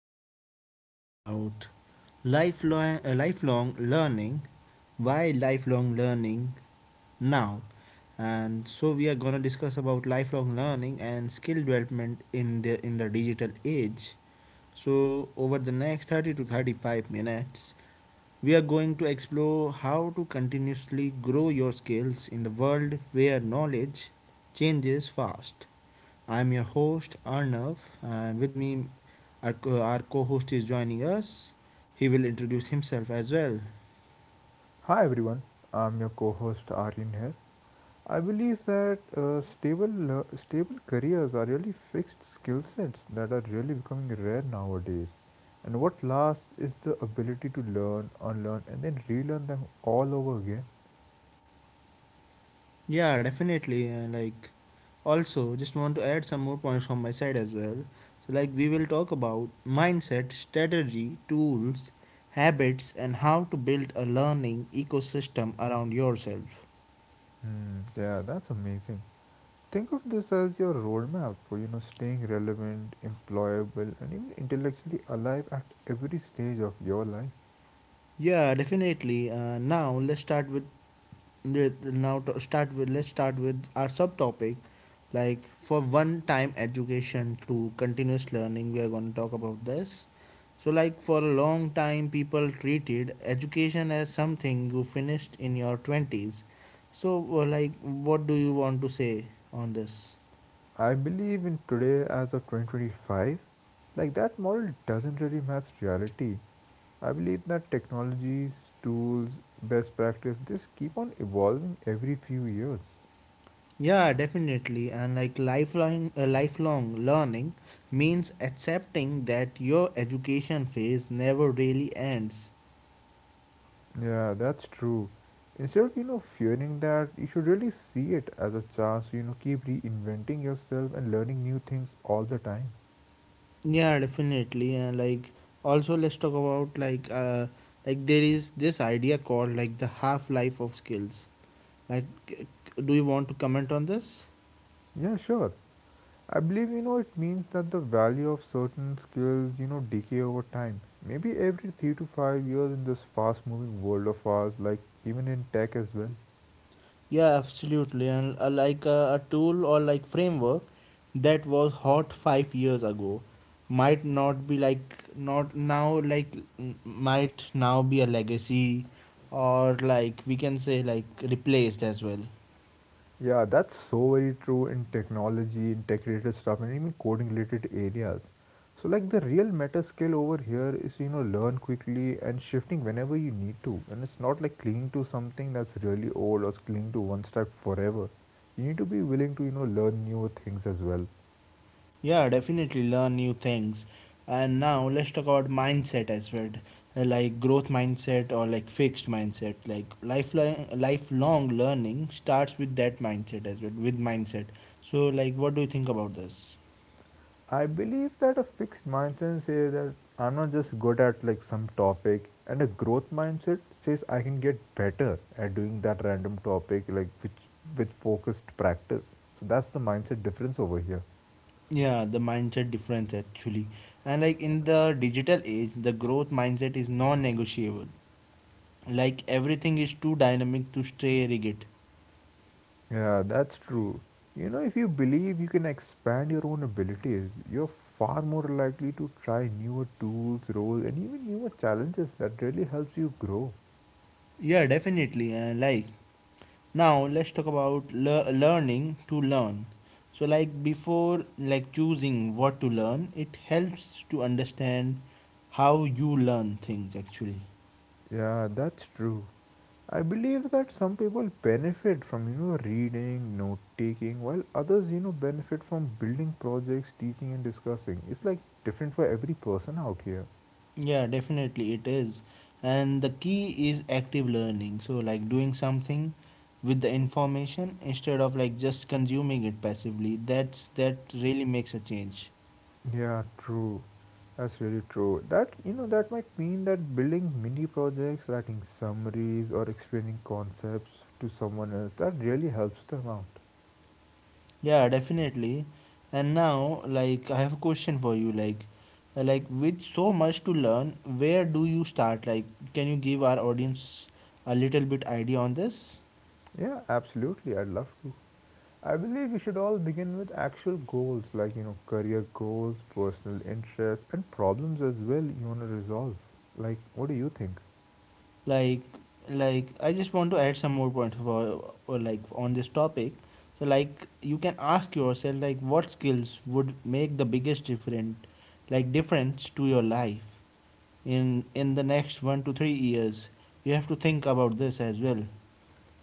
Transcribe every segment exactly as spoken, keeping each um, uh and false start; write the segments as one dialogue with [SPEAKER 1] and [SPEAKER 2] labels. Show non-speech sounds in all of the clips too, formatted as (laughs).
[SPEAKER 1] gonna discuss about lifelong uh, lifelong learning. Why lifelong learning now? And so we are gonna discuss about lifelong learning and skill development in the in the digital age. So over the next thirty to thirty-five minutes, we are going to explore how to continuously grow your skills in the world where knowledge changes fast. I'm your host Arnav, and with me, our, co- our co-host is joining us. He will introduce himself as well.
[SPEAKER 2] Hi everyone, I'm your co-host Aryan here. I believe that uh, stable uh, stable careers are really fixed skill sets that are really becoming rare nowadays. And what lasts is the ability to learn, unlearn, and then relearn them all over again.
[SPEAKER 1] Yeah, definitely. And like, also, just want to add some more points from my side as well. So, like, we will talk about mindset, strategy, tools, habits, and how to build a learning ecosystem around yourself.
[SPEAKER 2] Hmm, yeah, that's amazing. Think of this as your roadmap for you know staying relevant, employable, and even intellectually alive at every stage of your life.
[SPEAKER 1] Yeah, definitely. Uh, now, let's start with with now to start with let's start with our subtopic, like for one time education to continuous learning. We are going to talk about this. So like for a long time people treated education as something you finished in your twenties. So uh, like, what do you want to say on this?
[SPEAKER 2] I believe in today as of two thousand twenty-five, like that model doesn't really match reality. I believe that technologies, tools, best practice just keep on evolving every few years.
[SPEAKER 1] Yeah, definitely. And like lifelong uh, lifelong learning means accepting that your education phase never really ends.
[SPEAKER 2] Yeah, that's true. Instead of you know fearing that, you should really see it as a chance. to You know, keep reinventing yourself and learning new things all the time.
[SPEAKER 1] Yeah, definitely. And like also let's talk about like uh like there is this idea called like the half life of skills. Like c- c- do you want to comment on this?
[SPEAKER 2] Yeah, sure. I believe you know it means that the value of certain skills you know decay over time. Maybe every three to five years in this fast-moving world of ours, like even in tech as well.
[SPEAKER 1] Yeah, absolutely. And uh, like uh, a tool or like framework that was hot five years ago might not be like not now, like n- might now be a legacy, or like we can say like replaced as well.
[SPEAKER 2] Yeah, that's so very true in technology, in tech-related stuff, and even coding-related areas. So like the real meta skill over here is you know learn quickly and shifting whenever you need to, and it's not like clinging to something that's really old or clinging to one step forever. You need to be willing to you know learn new things as well.
[SPEAKER 1] Yeah, definitely learn new things. And now let's talk about mindset as well, uh, like growth mindset or like fixed mindset. Like lifelong lifelong learning starts with that mindset as well, with mindset. So like what do you think about this?
[SPEAKER 2] I believe that a fixed mindset says that I'm not just good at like some topic, and a growth mindset says I can get better at doing that random topic like which with focused practice. So that's the mindset difference over here.
[SPEAKER 1] Yeah, the mindset difference actually. And like in the digital age, the growth mindset is non-negotiable. Like everything is too dynamic to stay rigid.
[SPEAKER 2] Yeah, that's true. You know, if you believe you can expand your own abilities, you're far more likely to try newer tools, roles, and even newer challenges that really helps you grow.
[SPEAKER 1] Yeah, definitely. And like now let's talk about le learning to learn. So like before like choosing what to learn, it helps to understand how you learn things actually.
[SPEAKER 2] Yeah, that's true. I believe that some people benefit from you know reading, note taking, while others you know benefit from building projects, teaching and discussing. It's like different for every person out here.
[SPEAKER 1] Yeah definitely it is. And the key is active learning, so like doing something with the information instead of like just consuming it passively. That's that really makes a change.
[SPEAKER 2] Yeah, true. That's really true. That you know that might mean that building mini projects, writing summaries or explaining concepts to someone else that really helps them out.
[SPEAKER 1] Yeah, definitely. And now, like, I have a question for you. Like, uh, like, with so much to learn, where do you start? Like, can you give our audience a little bit idea on this?
[SPEAKER 2] Yeah, absolutely. I'd love to. I believe we should all begin with actual goals like, you know, career goals, personal interests, and problems as well you want to resolve. Like, what do you think?
[SPEAKER 1] Like, like I just want to add some more points for, or like on this topic. So, like, you can ask yourself, like, what skills would make the biggest different, like, difference to your life in in the next one to three years? You have to think about this as well.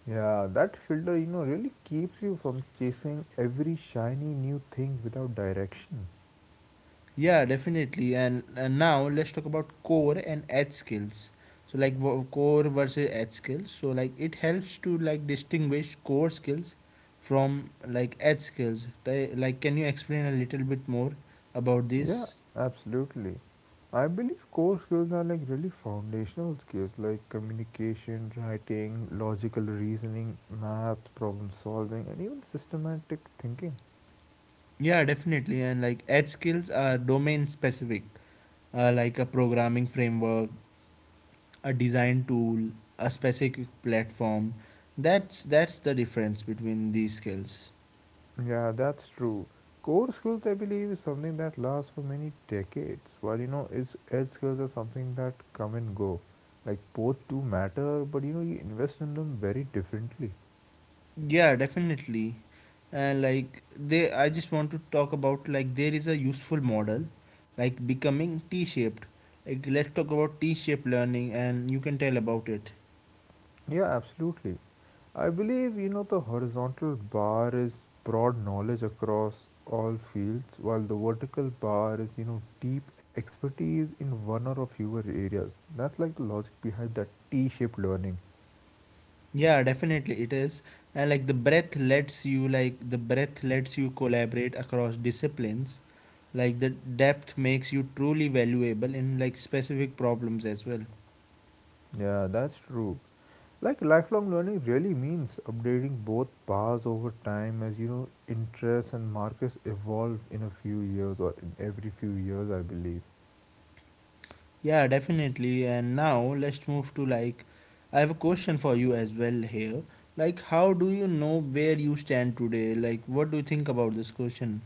[SPEAKER 2] Yeah, that filter, you know, really keeps you from chasing every shiny new thing without direction.
[SPEAKER 1] Yeah, definitely. And, and now let's talk about core and edge skills. So like wo- core versus edge skills. So like it helps to like distinguish core skills from like edge skills. Ti- Like can you explain a little bit more about
[SPEAKER 2] Yeah,
[SPEAKER 1] this?
[SPEAKER 2] absolutely. I believe core skills are like really foundational skills like communication, writing, logical reasoning, math, problem solving, and even systematic thinking.
[SPEAKER 1] Yeah, definitely. And like edge skills are domain specific, uh, like a programming framework, a design tool, a specific platform. That's that's the difference between these skills.
[SPEAKER 2] Yeah, that's true. Core skills, I believe, is something that lasts for many decades, while you know, its edge skills are something that come and go. Like both do matter, but you know, you invest in them very differently.
[SPEAKER 1] Yeah, definitely. And like they, I just want to talk about like there is a useful model like becoming T-shaped. Like let's talk about T-shaped learning and you can tell about it.
[SPEAKER 2] Yeah, absolutely. I believe, you know, the horizontal bar is broad knowledge across all fields, while the vertical bar is, you know, deep expertise in one or a fewer areas. That's like the logic behind that T shaped learning.
[SPEAKER 1] Yeah, definitely it is. And like the breadth lets you like the breadth lets you collaborate across disciplines. Like the depth makes you truly valuable in like specific problems as well.
[SPEAKER 2] Yeah, that's true. Like lifelong learning really means updating both bars over time as, you know, interests and markets evolve in a few years or in every few years, I believe.
[SPEAKER 1] Yeah, definitely. And now let's move to like, I have a question for you as well here. Like, how do you know where you stand today? Like, what do you think about this question?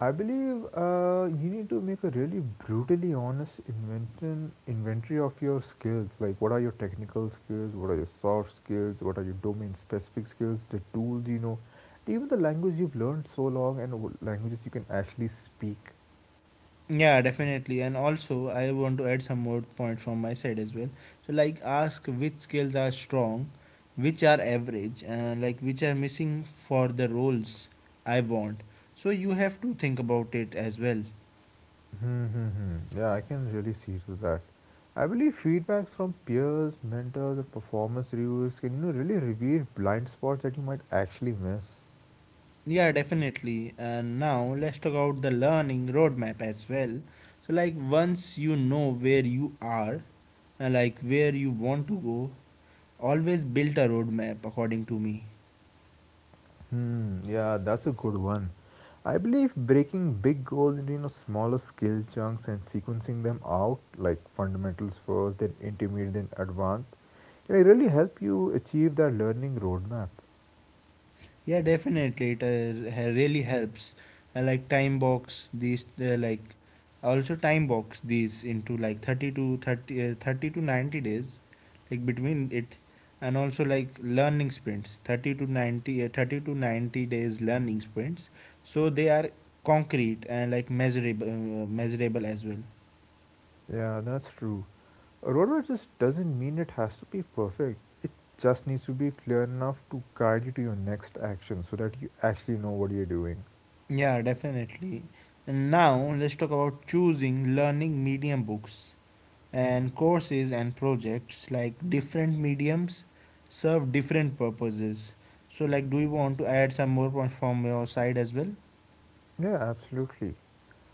[SPEAKER 2] I believe uh, you need to make a really brutally honest invention, inventory of your skills. Like, what are your technical skills? What are your soft skills? What are your domain specific skills? The tools you know, even the language you've learned so long, and what languages you can actually speak.
[SPEAKER 1] Yeah, definitely. And also, I want to add some more point from my side as well. So, like, ask which skills are strong, which are average, and like which are missing for the roles I want. So, you have to think about it as well.
[SPEAKER 2] Hmm, hmm, hmm. yeah, I can really see to that. I believe feedback from peers, mentors, and performance reviews can you know really reveal blind spots that you might actually miss.
[SPEAKER 1] Yeah, definitely. And now let's talk about the learning roadmap as well. So, like, once you know where you are and like where you want to go, always build a roadmap according to me.
[SPEAKER 2] Hmm, yeah, that's a good one. I believe breaking big goals into you know smaller skill chunks and sequencing them out, like fundamentals first, then intermediate, then advanced, can really help you achieve that learning roadmap.
[SPEAKER 1] Yeah, definitely. It uh, ha- really helps. I like time box these uh, like, I also time box these into like thirty to thirty, uh, thirty to ninety days like between it, and also like learning sprints thirty to ninety uh, thirty to ninety days learning sprints, so they are concrete and like measurable uh, measurable as well.
[SPEAKER 2] Yeah, that's true. A roadmap just doesn't mean it has to be perfect. It just needs to be clear enough to guide you to your next action so that you actually know what you're doing.
[SPEAKER 1] Yeah, definitely. And now let's talk about choosing learning medium books, and courses and projects. Like different mediums serve different purposes. So like, do you want to add some more from your side as well?
[SPEAKER 2] Yeah, absolutely.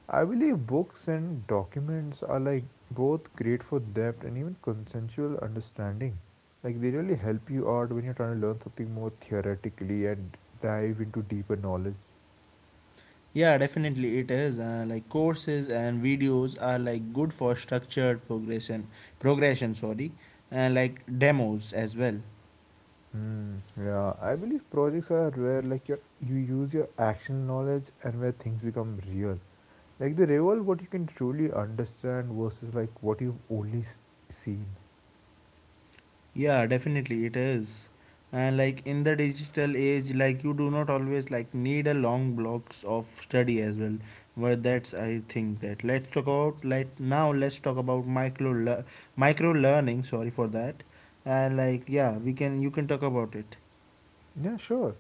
[SPEAKER 2] I believe books and documents are like both great for depth and even consensual understanding. Like they really help you out when you're trying to learn something more theoretically and dive into deeper knowledge.
[SPEAKER 1] Yeah definitely it is. Uh, like courses and videos are like good for structured progression progression sorry, and like demos as well.
[SPEAKER 2] Hmm. Yeah, I believe projects are where like your you use your action knowledge and where things become real. Like they revolve what you can truly understand versus like what you've only s- seen.
[SPEAKER 1] Yeah, definitely it is. And like in the digital age, like you do not always like need a long blocks of study as well. But that's I think that let's talk about like now let's talk about micro le- micro learning. Sorry for that. And like yeah, we can you can talk about it.
[SPEAKER 2] Yeah, sure.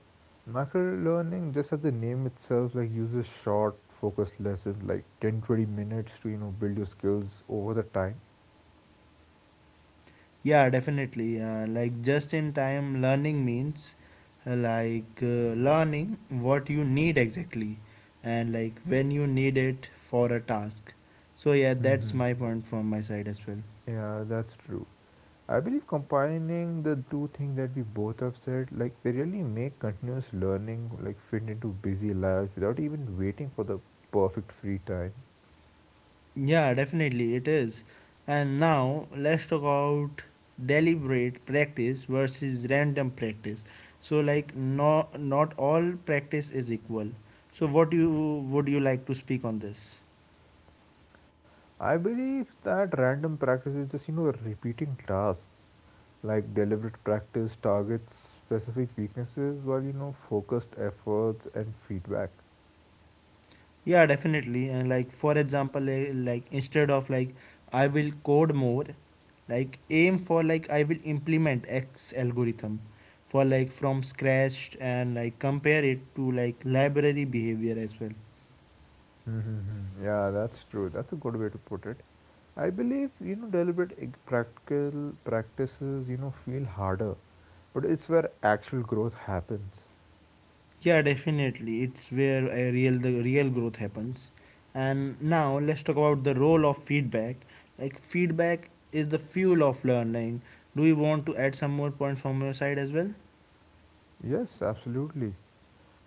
[SPEAKER 2] Macro learning just as the name itself, like uses short, focused lessons, like ten twenty minutes to, you know, build your skills over the time.
[SPEAKER 1] Yeah, definitely. Uh, like just in time learning means uh, like uh, learning what you need exactly and like when you need it for a task. So, yeah, that's
[SPEAKER 2] Hmm,
[SPEAKER 1] my point from my side as well.
[SPEAKER 2] yeah, that's true. I believe combining the two things that we both have said, like they really make continuous learning like fit into busy lives without even waiting for the perfect free time.
[SPEAKER 1] Yeah, definitely it is. And now let's talk about deliberate practice versus random practice. So, like, no, not all practice is equal. So, what you would you like to speak on this?
[SPEAKER 2] I believe that random practice is just, you know, repeating tasks. Like deliberate practice targets specific weaknesses while, you know, focused efforts and feedback.
[SPEAKER 1] Yeah, definitely. And like for example, eh, like instead of like I will code more, like aim for like I will implement X algorithm for like from scratch and like compare it to like library behavior as well.
[SPEAKER 2] Mm-hmm. Yeah, that's true. That's a good way to put it. I believe, you know, deliberate ig- practical practices, you know, feel harder, but it's where actual growth happens.
[SPEAKER 1] Yeah, definitely. It's where a real the real growth happens. And now let's talk about the role of feedback. Like feedback is the fuel of learning. Do you want to add some more points from your side as well?
[SPEAKER 2] Yes, absolutely.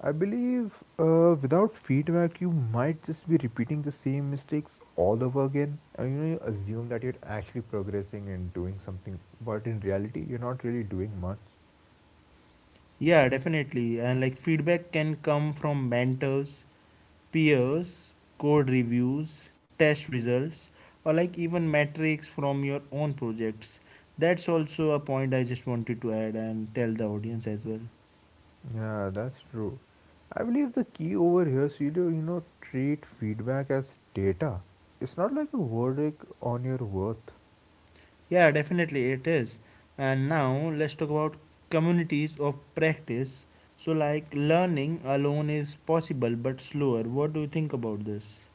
[SPEAKER 2] I believe uh, without feedback, you might just be repeating the same mistakes all over again. And you know, you assume that you're actually progressing and doing something, but in reality, you're not really doing much.
[SPEAKER 1] Yeah, definitely. And like feedback can come from mentors, peers, code reviews, test results, or like even metrics from your own projects. That's also a point I just wanted to add and tell the audience as well.
[SPEAKER 2] Yeah, that's true. I believe the key over here, Celio, you know, treat feedback as data. It's not like a verdict on your worth.
[SPEAKER 1] Yeah, definitely it is. And now let's talk about communities of practice. So, like learning alone is possible but slower. What do you think about this?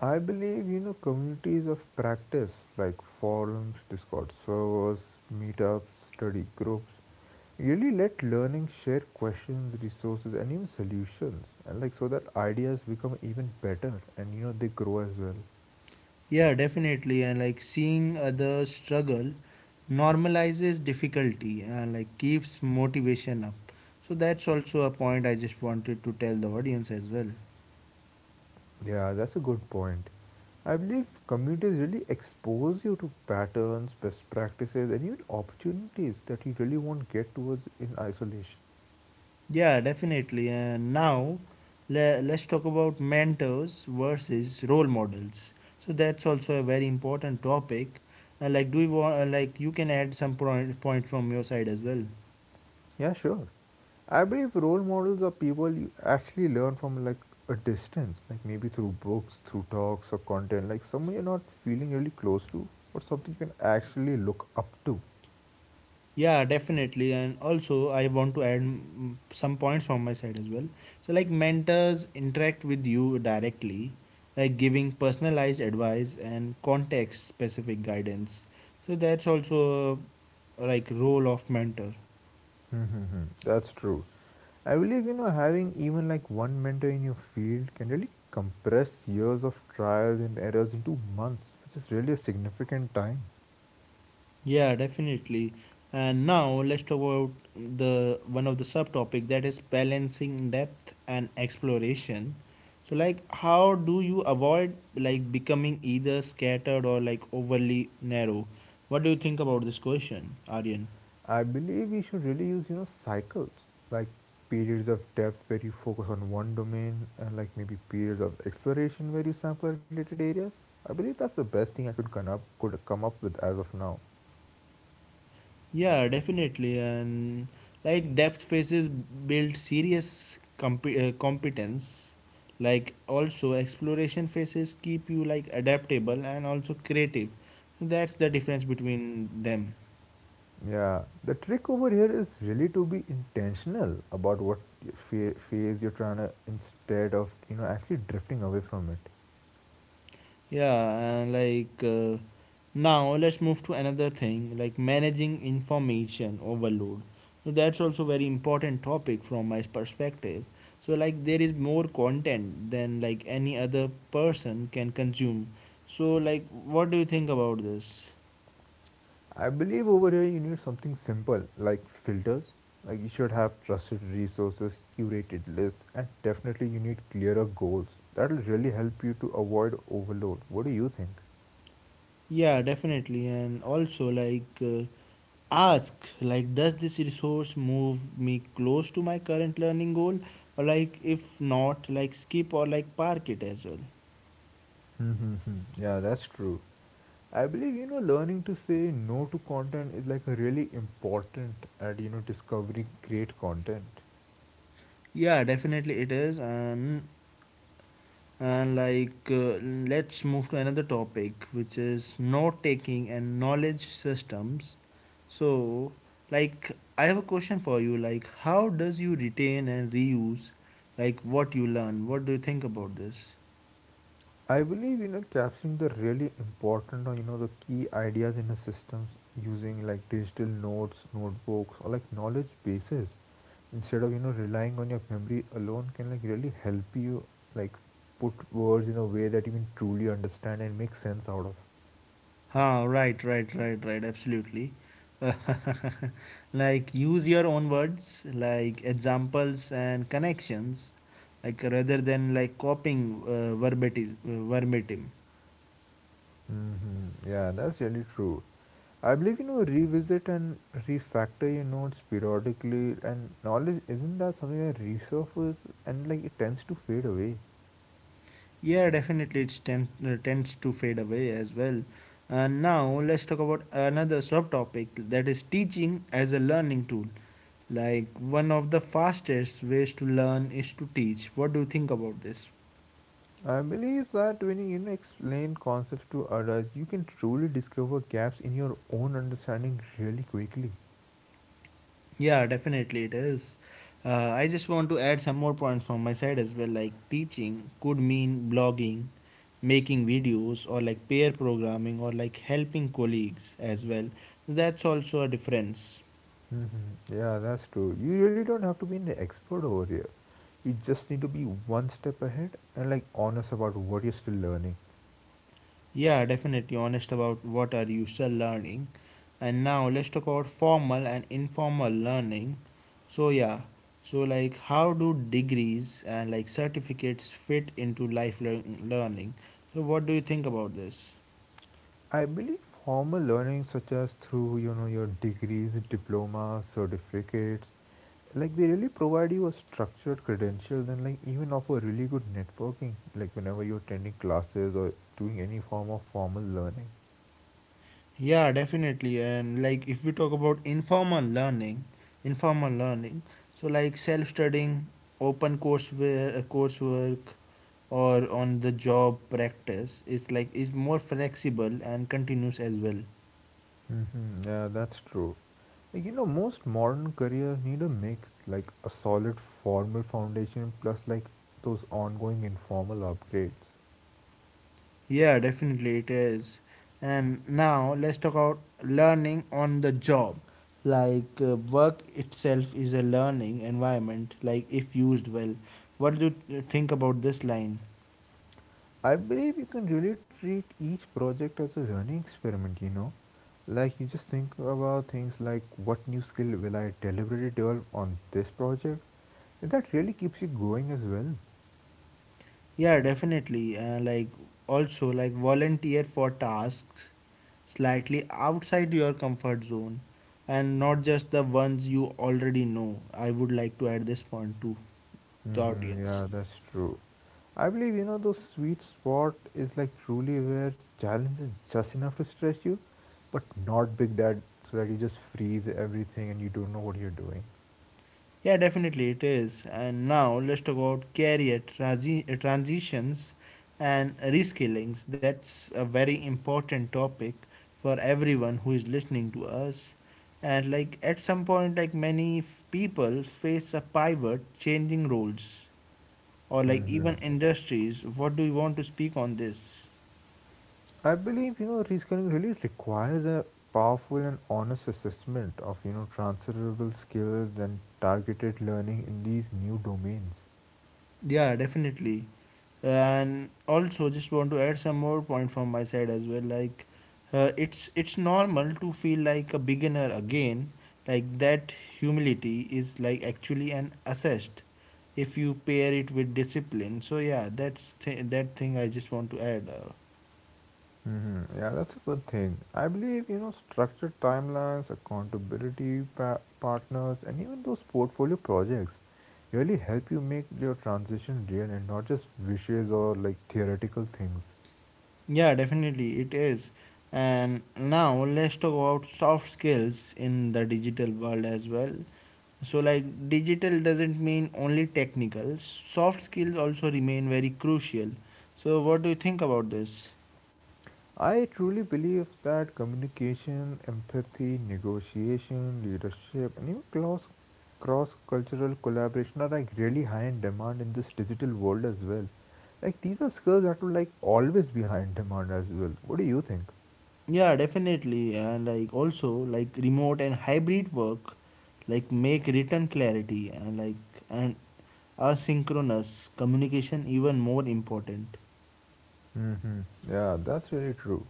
[SPEAKER 2] I believe, you know, communities of practice like forums, Discord servers, meetups, study groups really let learning share questions, resources, and even solutions. And like so that ideas become even better and, you know, they grow as well.
[SPEAKER 1] Yeah, definitely. And like seeing others struggle normalizes difficulty and like keeps motivation up. So that's also a point I just wanted to tell the audience as well.
[SPEAKER 2] Yeah, that's a good point. I believe communities really expose you to patterns, best practices, and even opportunities that you really won't get towards in isolation.
[SPEAKER 1] Yeah, definitely. And now le- let's talk about mentors versus role models. So that's also a very important topic. Uh, like, do you want, uh, like, you can add some point, point from your side as well.
[SPEAKER 2] Yeah, sure. I believe role models are people you actually learn from like a distance, like maybe through books, through talks or content, like someone you're not feeling really close to, or something you can actually look up to.
[SPEAKER 1] Yeah, definitely. And also, I want to add mm, some points from my side as well. So, like mentors interact with you directly, like giving personalized advice and context specific guidance. So, that's also uh, like role of mentor.
[SPEAKER 2] Mm-hmm. That's true. I believe you know having even like one mentor in your field can really compress years of trials and errors into months, which is really a significant time.
[SPEAKER 1] Yeah, definitely. And now let's talk about the one of the subtopic that is balancing depth and exploration. So like how do you avoid like becoming either scattered or like overly narrow? What do you think about this question, Aryan?
[SPEAKER 2] I believe we should really use, you know, cycles like periods of depth where you focus on one domain and like maybe periods of exploration where you sample related areas. I believe that's the best thing I could come up could come up with as of now.
[SPEAKER 1] Yeah, definitely. And like depth phases build serious comp- uh, competence. Like also exploration phases keep you like adaptable and also creative. So that's the difference between them.
[SPEAKER 2] Yeah, the trick over here is really to be intentional about what phase you're trying to instead of, you know, actually drifting away from it.
[SPEAKER 1] Yeah, and like uh, now let's move to another thing, like managing information overload. So that's also very important topic from my perspective. So like there is more content than like any other person can consume. So like what do you think about this?
[SPEAKER 2] I believe over here you need something simple like filters. Like you should have trusted resources, curated lists, and definitely you need clearer goals. That'll really help you to avoid overload. What do you think?
[SPEAKER 1] Yeah, definitely. And also like uh, ask, like, does this resource move me close to my current learning goal, or like if not, like skip or like park it as well.
[SPEAKER 2] Mm-hmm. Yeah, that's true. I believe you know learning to say no to content is like a really important at you know discovering great content.
[SPEAKER 1] Yeah, definitely it is. And, and like, uh, let's move to another topic, which is note taking and knowledge systems. So, like, I have a question for you. Like, how does you retain and reuse, like, what you learn? What do you think about this?
[SPEAKER 2] I believe you know capturing the really important or you know the key ideas in the systems using like digital notes, notebooks or like knowledge bases instead of you know relying on your memory alone can like really help you like put words in a way that you can truly understand and make sense out of.
[SPEAKER 1] Huh, right, right, right, right, absolutely. (laughs) Like use your own words, like examples and connections, like rather than like copying uh, verbatim, uh, verbatim.
[SPEAKER 2] Hmm, yeah, that's really true. I believe you know revisit and refactor your notes periodically and knowledge isn't that something that resurfaces and like it tends to fade away.
[SPEAKER 1] Yeah, definitely, it tend, uh, tends to fade away as well. And now let's talk about another subtopic that is teaching as a learning tool. Like one of the fastest ways to learn is to teach. What do you think about this?
[SPEAKER 2] I believe that when you know explain concepts to others, you can truly discover gaps in your own understanding really quickly.
[SPEAKER 1] Yeah, definitely it is. Uh, I just want to add some more points from my side as well. Like teaching could mean blogging, making videos, or like pair programming, or like helping colleagues as well. That's also a difference.
[SPEAKER 2] Hmm, yeah, that's true. You really don't have to be an expert over here. You just need to be one step ahead and like honest about what you're still learning.
[SPEAKER 1] Yeah, definitely honest about what are you still learning. And now let's talk about formal and informal learning. So yeah, so like how do degrees and like certificates fit into lifelong learning? So what do you think about this?
[SPEAKER 2] I believe formal learning, such as through you know your degrees, diplomas, certificates, like they really provide you a structured credentials and like even offer really good networking. Like whenever you're attending classes or doing any form of formal learning.
[SPEAKER 1] Yeah, definitely. And like if we talk about informal learning, informal learning, so like self-studying, open courseware, uh, coursework, or on the job practice is like is more flexible and continuous as well.
[SPEAKER 2] Hmm, yeah, that's true. Like, you know, most modern careers need a mix, like a solid formal foundation plus like those ongoing informal upgrades.
[SPEAKER 1] Yeah, definitely it is. And now let's talk about learning on the job. Like uh, work itself is a learning environment, like if used well. What do you think about this line?
[SPEAKER 2] I believe you can really treat each project as a learning experiment, you know. Like you just think about things like what new skill will I deliberately develop on this project? And that really keeps you going as well.
[SPEAKER 1] Yeah, definitely. Uh, like also like volunteer for tasks slightly outside your comfort zone and not just the ones you already know. I would like to add this point to the
[SPEAKER 2] Hmm,
[SPEAKER 1] audience.
[SPEAKER 2] yeah, that's true. I believe you know those sweet spot is like truly where challenge is just enough to stretch you, but not big that so that you just freeze everything and you don't know what you're doing.
[SPEAKER 1] Yeah, definitely it is. And now let's talk about career transi- uh, transitions and reskillings. That's a very important topic for everyone who is listening to us. And like at some point, like many f- people face a pivot, changing roles or like even
[SPEAKER 2] hmm
[SPEAKER 1] industries. What do you want to speak on this?
[SPEAKER 2] I believe you know reskilling really requires a powerful and honest assessment of you know transferable skills and targeted learning in these new domains.
[SPEAKER 1] Yeah, definitely. And also, just want to add some more point from my side as well. Like, uh, it's it's normal to feel like a beginner again. Like that humility is like actually an assessed if you pair it with discipline. So yeah, that's th- that thing I just want to add. Uh,
[SPEAKER 2] Hmm. Yeah, that's a good thing. I believe you know structured timelines, accountability pa- partners, and even those portfolio projects really help you make your transition real and not just wishes or like theoretical things.
[SPEAKER 1] yeah, definitely it is. And now let's talk about soft skills in the digital world as well. So like digital doesn't mean only technical, soft skills also remain very crucial. So what do you think about this?
[SPEAKER 2] I truly believe that communication, empathy, negotiation, leadership, and even cross cross cultural collaboration are like really high in demand in this digital world as well. Like these are skills that will like always be high in demand as well. What do you think?
[SPEAKER 1] Yeah, definitely. And like also like remote and hybrid work like make written clarity and like and asynchronous communication even more important.
[SPEAKER 2] Mm-hmm. Yeah, that's really true.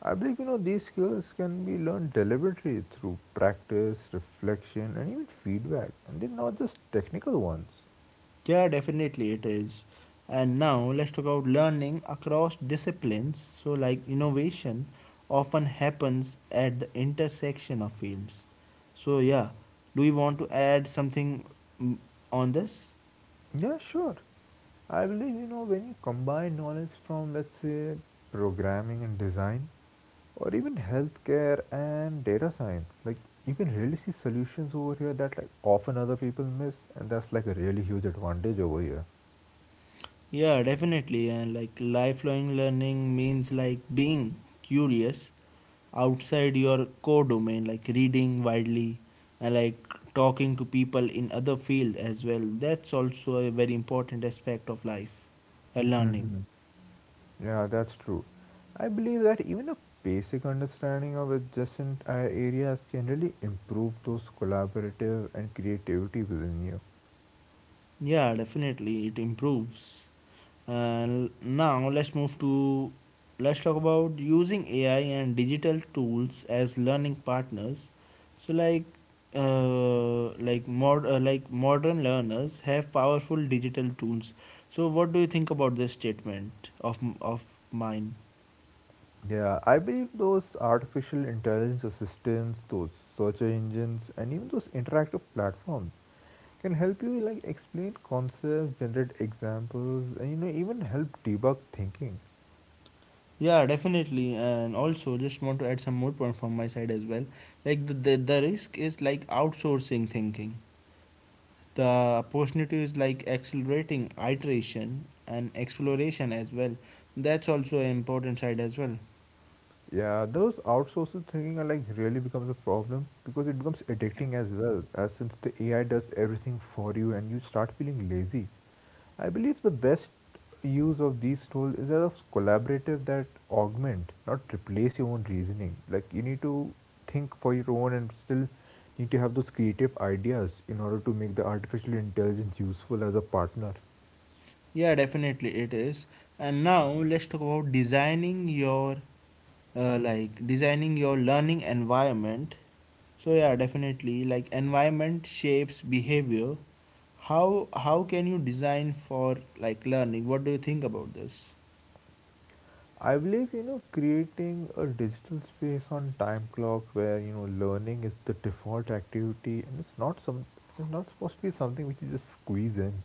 [SPEAKER 2] I believe you know these skills can be learned deliberately through practice, reflection, and even feedback, and they're not just technical ones.
[SPEAKER 1] Yeah, definitely it is. And now let's talk about learning across disciplines. So, like innovation often happens at the intersection of fields. So, yeah, do you want to add something, mm, on this?
[SPEAKER 2] Yeah, sure. I believe you know when you combine knowledge from let's say programming and design or even healthcare and data science, like you can really see solutions over here that like often other people miss and that's like a really huge advantage over here.
[SPEAKER 1] Yeah, definitely. And like lifelong learning means like being curious outside your core domain, like reading widely and like talking to people in other field as well. That's also a very important aspect of life, uh, learning.
[SPEAKER 2] Hmm. Yeah, that's true. I believe that even a basic understanding of adjacent uh, areas can really improve those collaborative and creativity within you.
[SPEAKER 1] Yeah, definitely it improves. And now let's move to, let's talk about using A I and digital tools as learning partners. So like uh, like mod uh, like modern learners have powerful digital tools. So what do you think about this statement of of mine?
[SPEAKER 2] Yeah, I believe those artificial intelligence assistants, those search engines, and even those interactive platforms can help you like explain concepts, generate examples, and you know even help debug thinking.
[SPEAKER 1] Yeah, definitely. And also, just want to add some more point from my side as well. Like the, the, the risk is like outsourcing thinking. The opportunity is like accelerating iteration and exploration as well. That's also an important side as well.
[SPEAKER 2] Yeah, those outsourcing thinking are like really becomes a problem because it becomes addicting as well, as since the A I does everything for you and you start feeling lazy. I believe the best use of these tools is as a collaborative that augment, not replace your own reasoning. Like you need to think for your own and still need to have those creative ideas in order to make the artificial intelligence useful as a partner.
[SPEAKER 1] Yeah, definitely it is. And now let's talk about designing your uh, like designing your learning environment. So yeah, definitely like environment shapes behavior. How how can you design for like learning? What do you think about this?
[SPEAKER 2] I believe, you know, creating a digital space on time clock where, you know, learning is the default activity and it's not some it's not supposed to be something which you just squeeze in.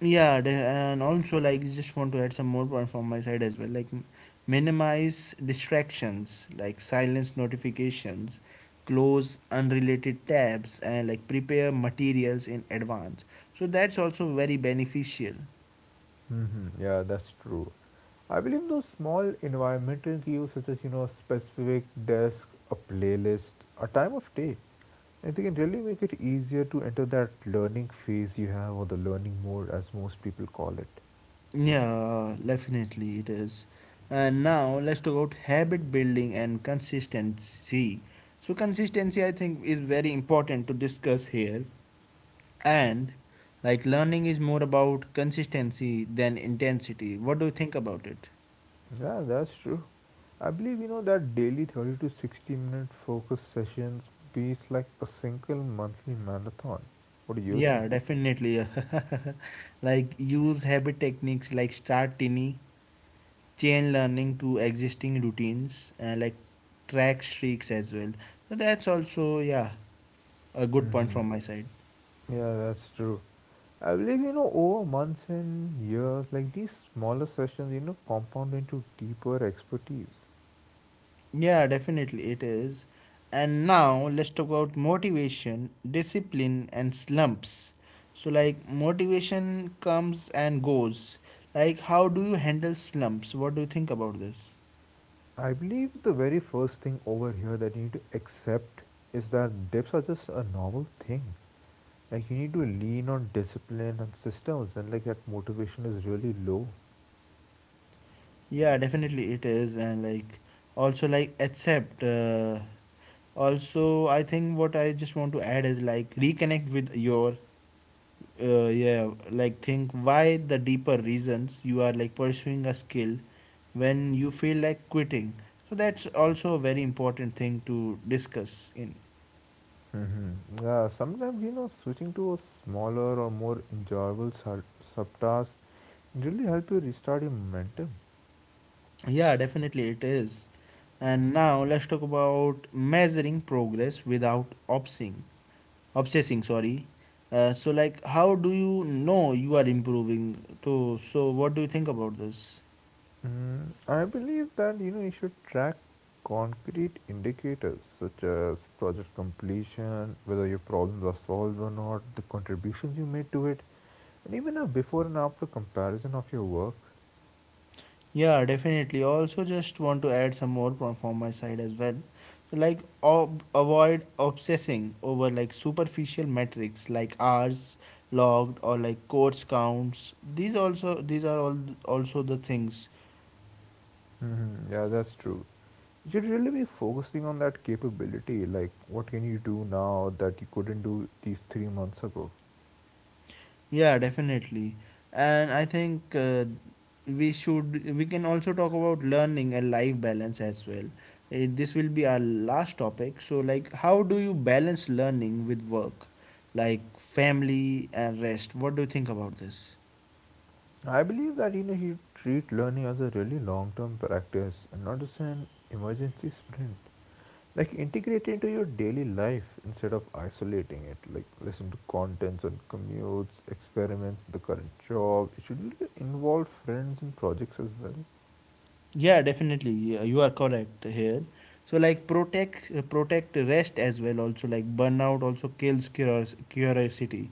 [SPEAKER 1] Yeah, the- and also like just want to add some more point from my side as well. Like m- minimize distractions, like silence notifications, close unrelated tabs, and like prepare materials in advance. So that's also very beneficial.
[SPEAKER 2] Hmm. Yeah, that's true. I believe those small environmental cues such as, you know, a specific desk, a playlist, a time of day, and they can really make it easier to enter that learning phase you have or the learning mode as most people call it.
[SPEAKER 1] Yeah, definitely it is. And now let's talk about habit building and consistency. So consistency, I think, is very important to discuss here. And like learning is more about consistency than intensity. What do you think about it?
[SPEAKER 2] Yeah, that's true. I believe you know that daily thirty to sixty minute focus sessions beats like a single monthly marathon. What do you think?
[SPEAKER 1] Yeah, definitely. (laughs) Like use habit techniques, like start tiny, chain learning to existing routines, and like track streaks as well. So that's also, yeah, a good point from my side.
[SPEAKER 2] Yeah, that's true. I believe you know over months and years, like these smaller sessions, you know, compound into deeper expertise.
[SPEAKER 1] Yeah, definitely it is. And now let's talk about motivation, discipline, and slumps. So, like, motivation comes and goes. Like, how do you handle slumps? What do you think about this?
[SPEAKER 2] I believe the very first thing over here that you need to accept is that dips are just a normal thing. Like you need to lean on discipline and systems when like that motivation is really low.
[SPEAKER 1] Yeah, definitely it is. And, like, also, like, accept. Uh, also, I think what I just want to add is, like, reconnect with your, uh, yeah, like think why the deeper reasons you are like pursuing a skill when you feel like quitting. So that's also a very important thing to discuss in.
[SPEAKER 2] Mm-hmm. Yeah, sometimes you know switching to a smaller or more enjoyable sur- subtask really help you restart your momentum.
[SPEAKER 1] Yeah, definitely it is. And now let's talk about measuring progress without obsessing obsessing sorry, uh, so like how do you know you are improving? So so what do you think about this?
[SPEAKER 2] Mm. I believe that you know you should track concrete indicators such as project completion, whether your problems are solved or not, the contributions you made to it, and even a before and after comparison of your work.
[SPEAKER 1] Yeah, definitely. Also, just want to add some more from, from my side as well. So, like, ob- avoid obsessing over like superficial metrics like hours logged or like course counts. These also, these are all also the things.
[SPEAKER 2] Mm-hmm. Yeah, that's true. You should really be focusing on that capability. Like, what can you do now that you couldn't do these three months ago?
[SPEAKER 1] Yeah, definitely. And I think, uh, we should we can also talk about learning and life balance as well. Eh, this will be our last topic. So like how do you balance learning with work? Like family and rest. What do you think about this?
[SPEAKER 2] I believe that you know you treat learning as a really long-term practice and not as an emergency sprint. Like, integrate it into your daily life instead of isolating it. Like, listen to contents on commutes, experiments, the current job. It should really involve friends and projects as well.
[SPEAKER 1] Yeah, definitely, yeah, you are correct here. So like protect uh, protect rest as well. Also like burnout also kills curios- curiosity,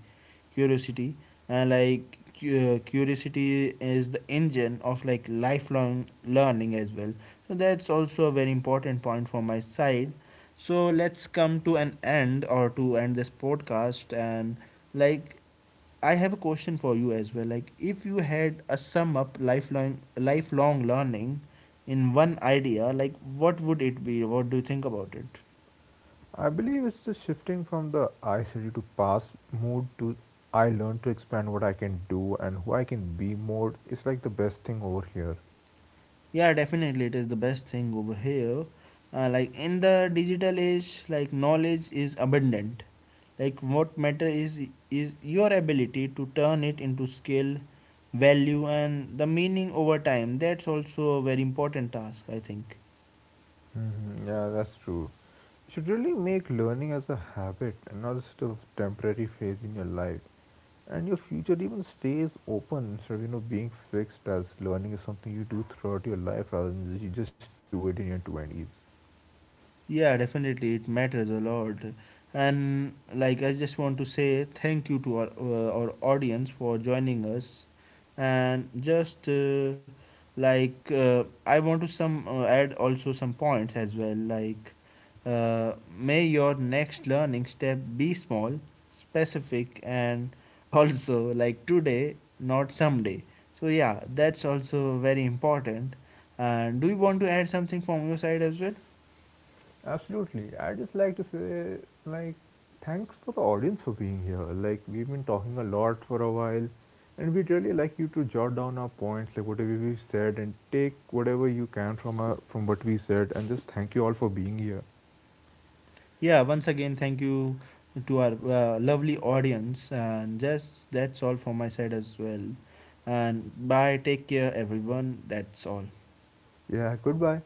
[SPEAKER 1] curiosity and like cu- uh, curiosity is the engine of like lifelong learning as well. So that's also a very important point from my side. So let's come to an end, or to end this podcast, and like I have a question for you as well. Like, if you had a sum up lifelong lifelong learning in one idea, like, what would it be? What do you think about it?
[SPEAKER 2] I believe it's just shifting from the I study to pass mode to I learn to expand what I can do and who I can be mode is like the best thing over here.
[SPEAKER 1] Yeah, definitely, it is the best thing over here. Uh, like in the digital age, like knowledge is abundant. Like what matter is is your ability to turn it into skill, value, and the meaning over time. That's also a very important task, I think.
[SPEAKER 2] Hmm. Yeah, that's true. You should really make learning as a habit and not just a temporary phase in your life. And your future even stays open instead of you know being fixed as learning is something you do throughout your life rather than you just do it in your twenties.
[SPEAKER 1] Yeah, definitely, it matters a lot. And like, I just want to say thank you to our, uh, our audience for joining us. And just uh, like, uh, I want to some uh, add also some points as well. Like, uh, may your next learning step be small, specific, and (laughs) also like today, not someday. So yeah, that's also very important. And do you want to add something from your side as well?
[SPEAKER 2] Absolutely. I just like to say, like, thanks for the audience for being here. Like, we've been talking a lot for a while, and we'd really like you to jot down our points, like whatever we said, and take whatever you can from our, from what we said, and just thank you all for being here.
[SPEAKER 1] Yeah, once again, thank you to our uh, lovely audience. And just that's all from my side as well. And bye, take care, everyone. That's all.
[SPEAKER 2] Yeah, goodbye.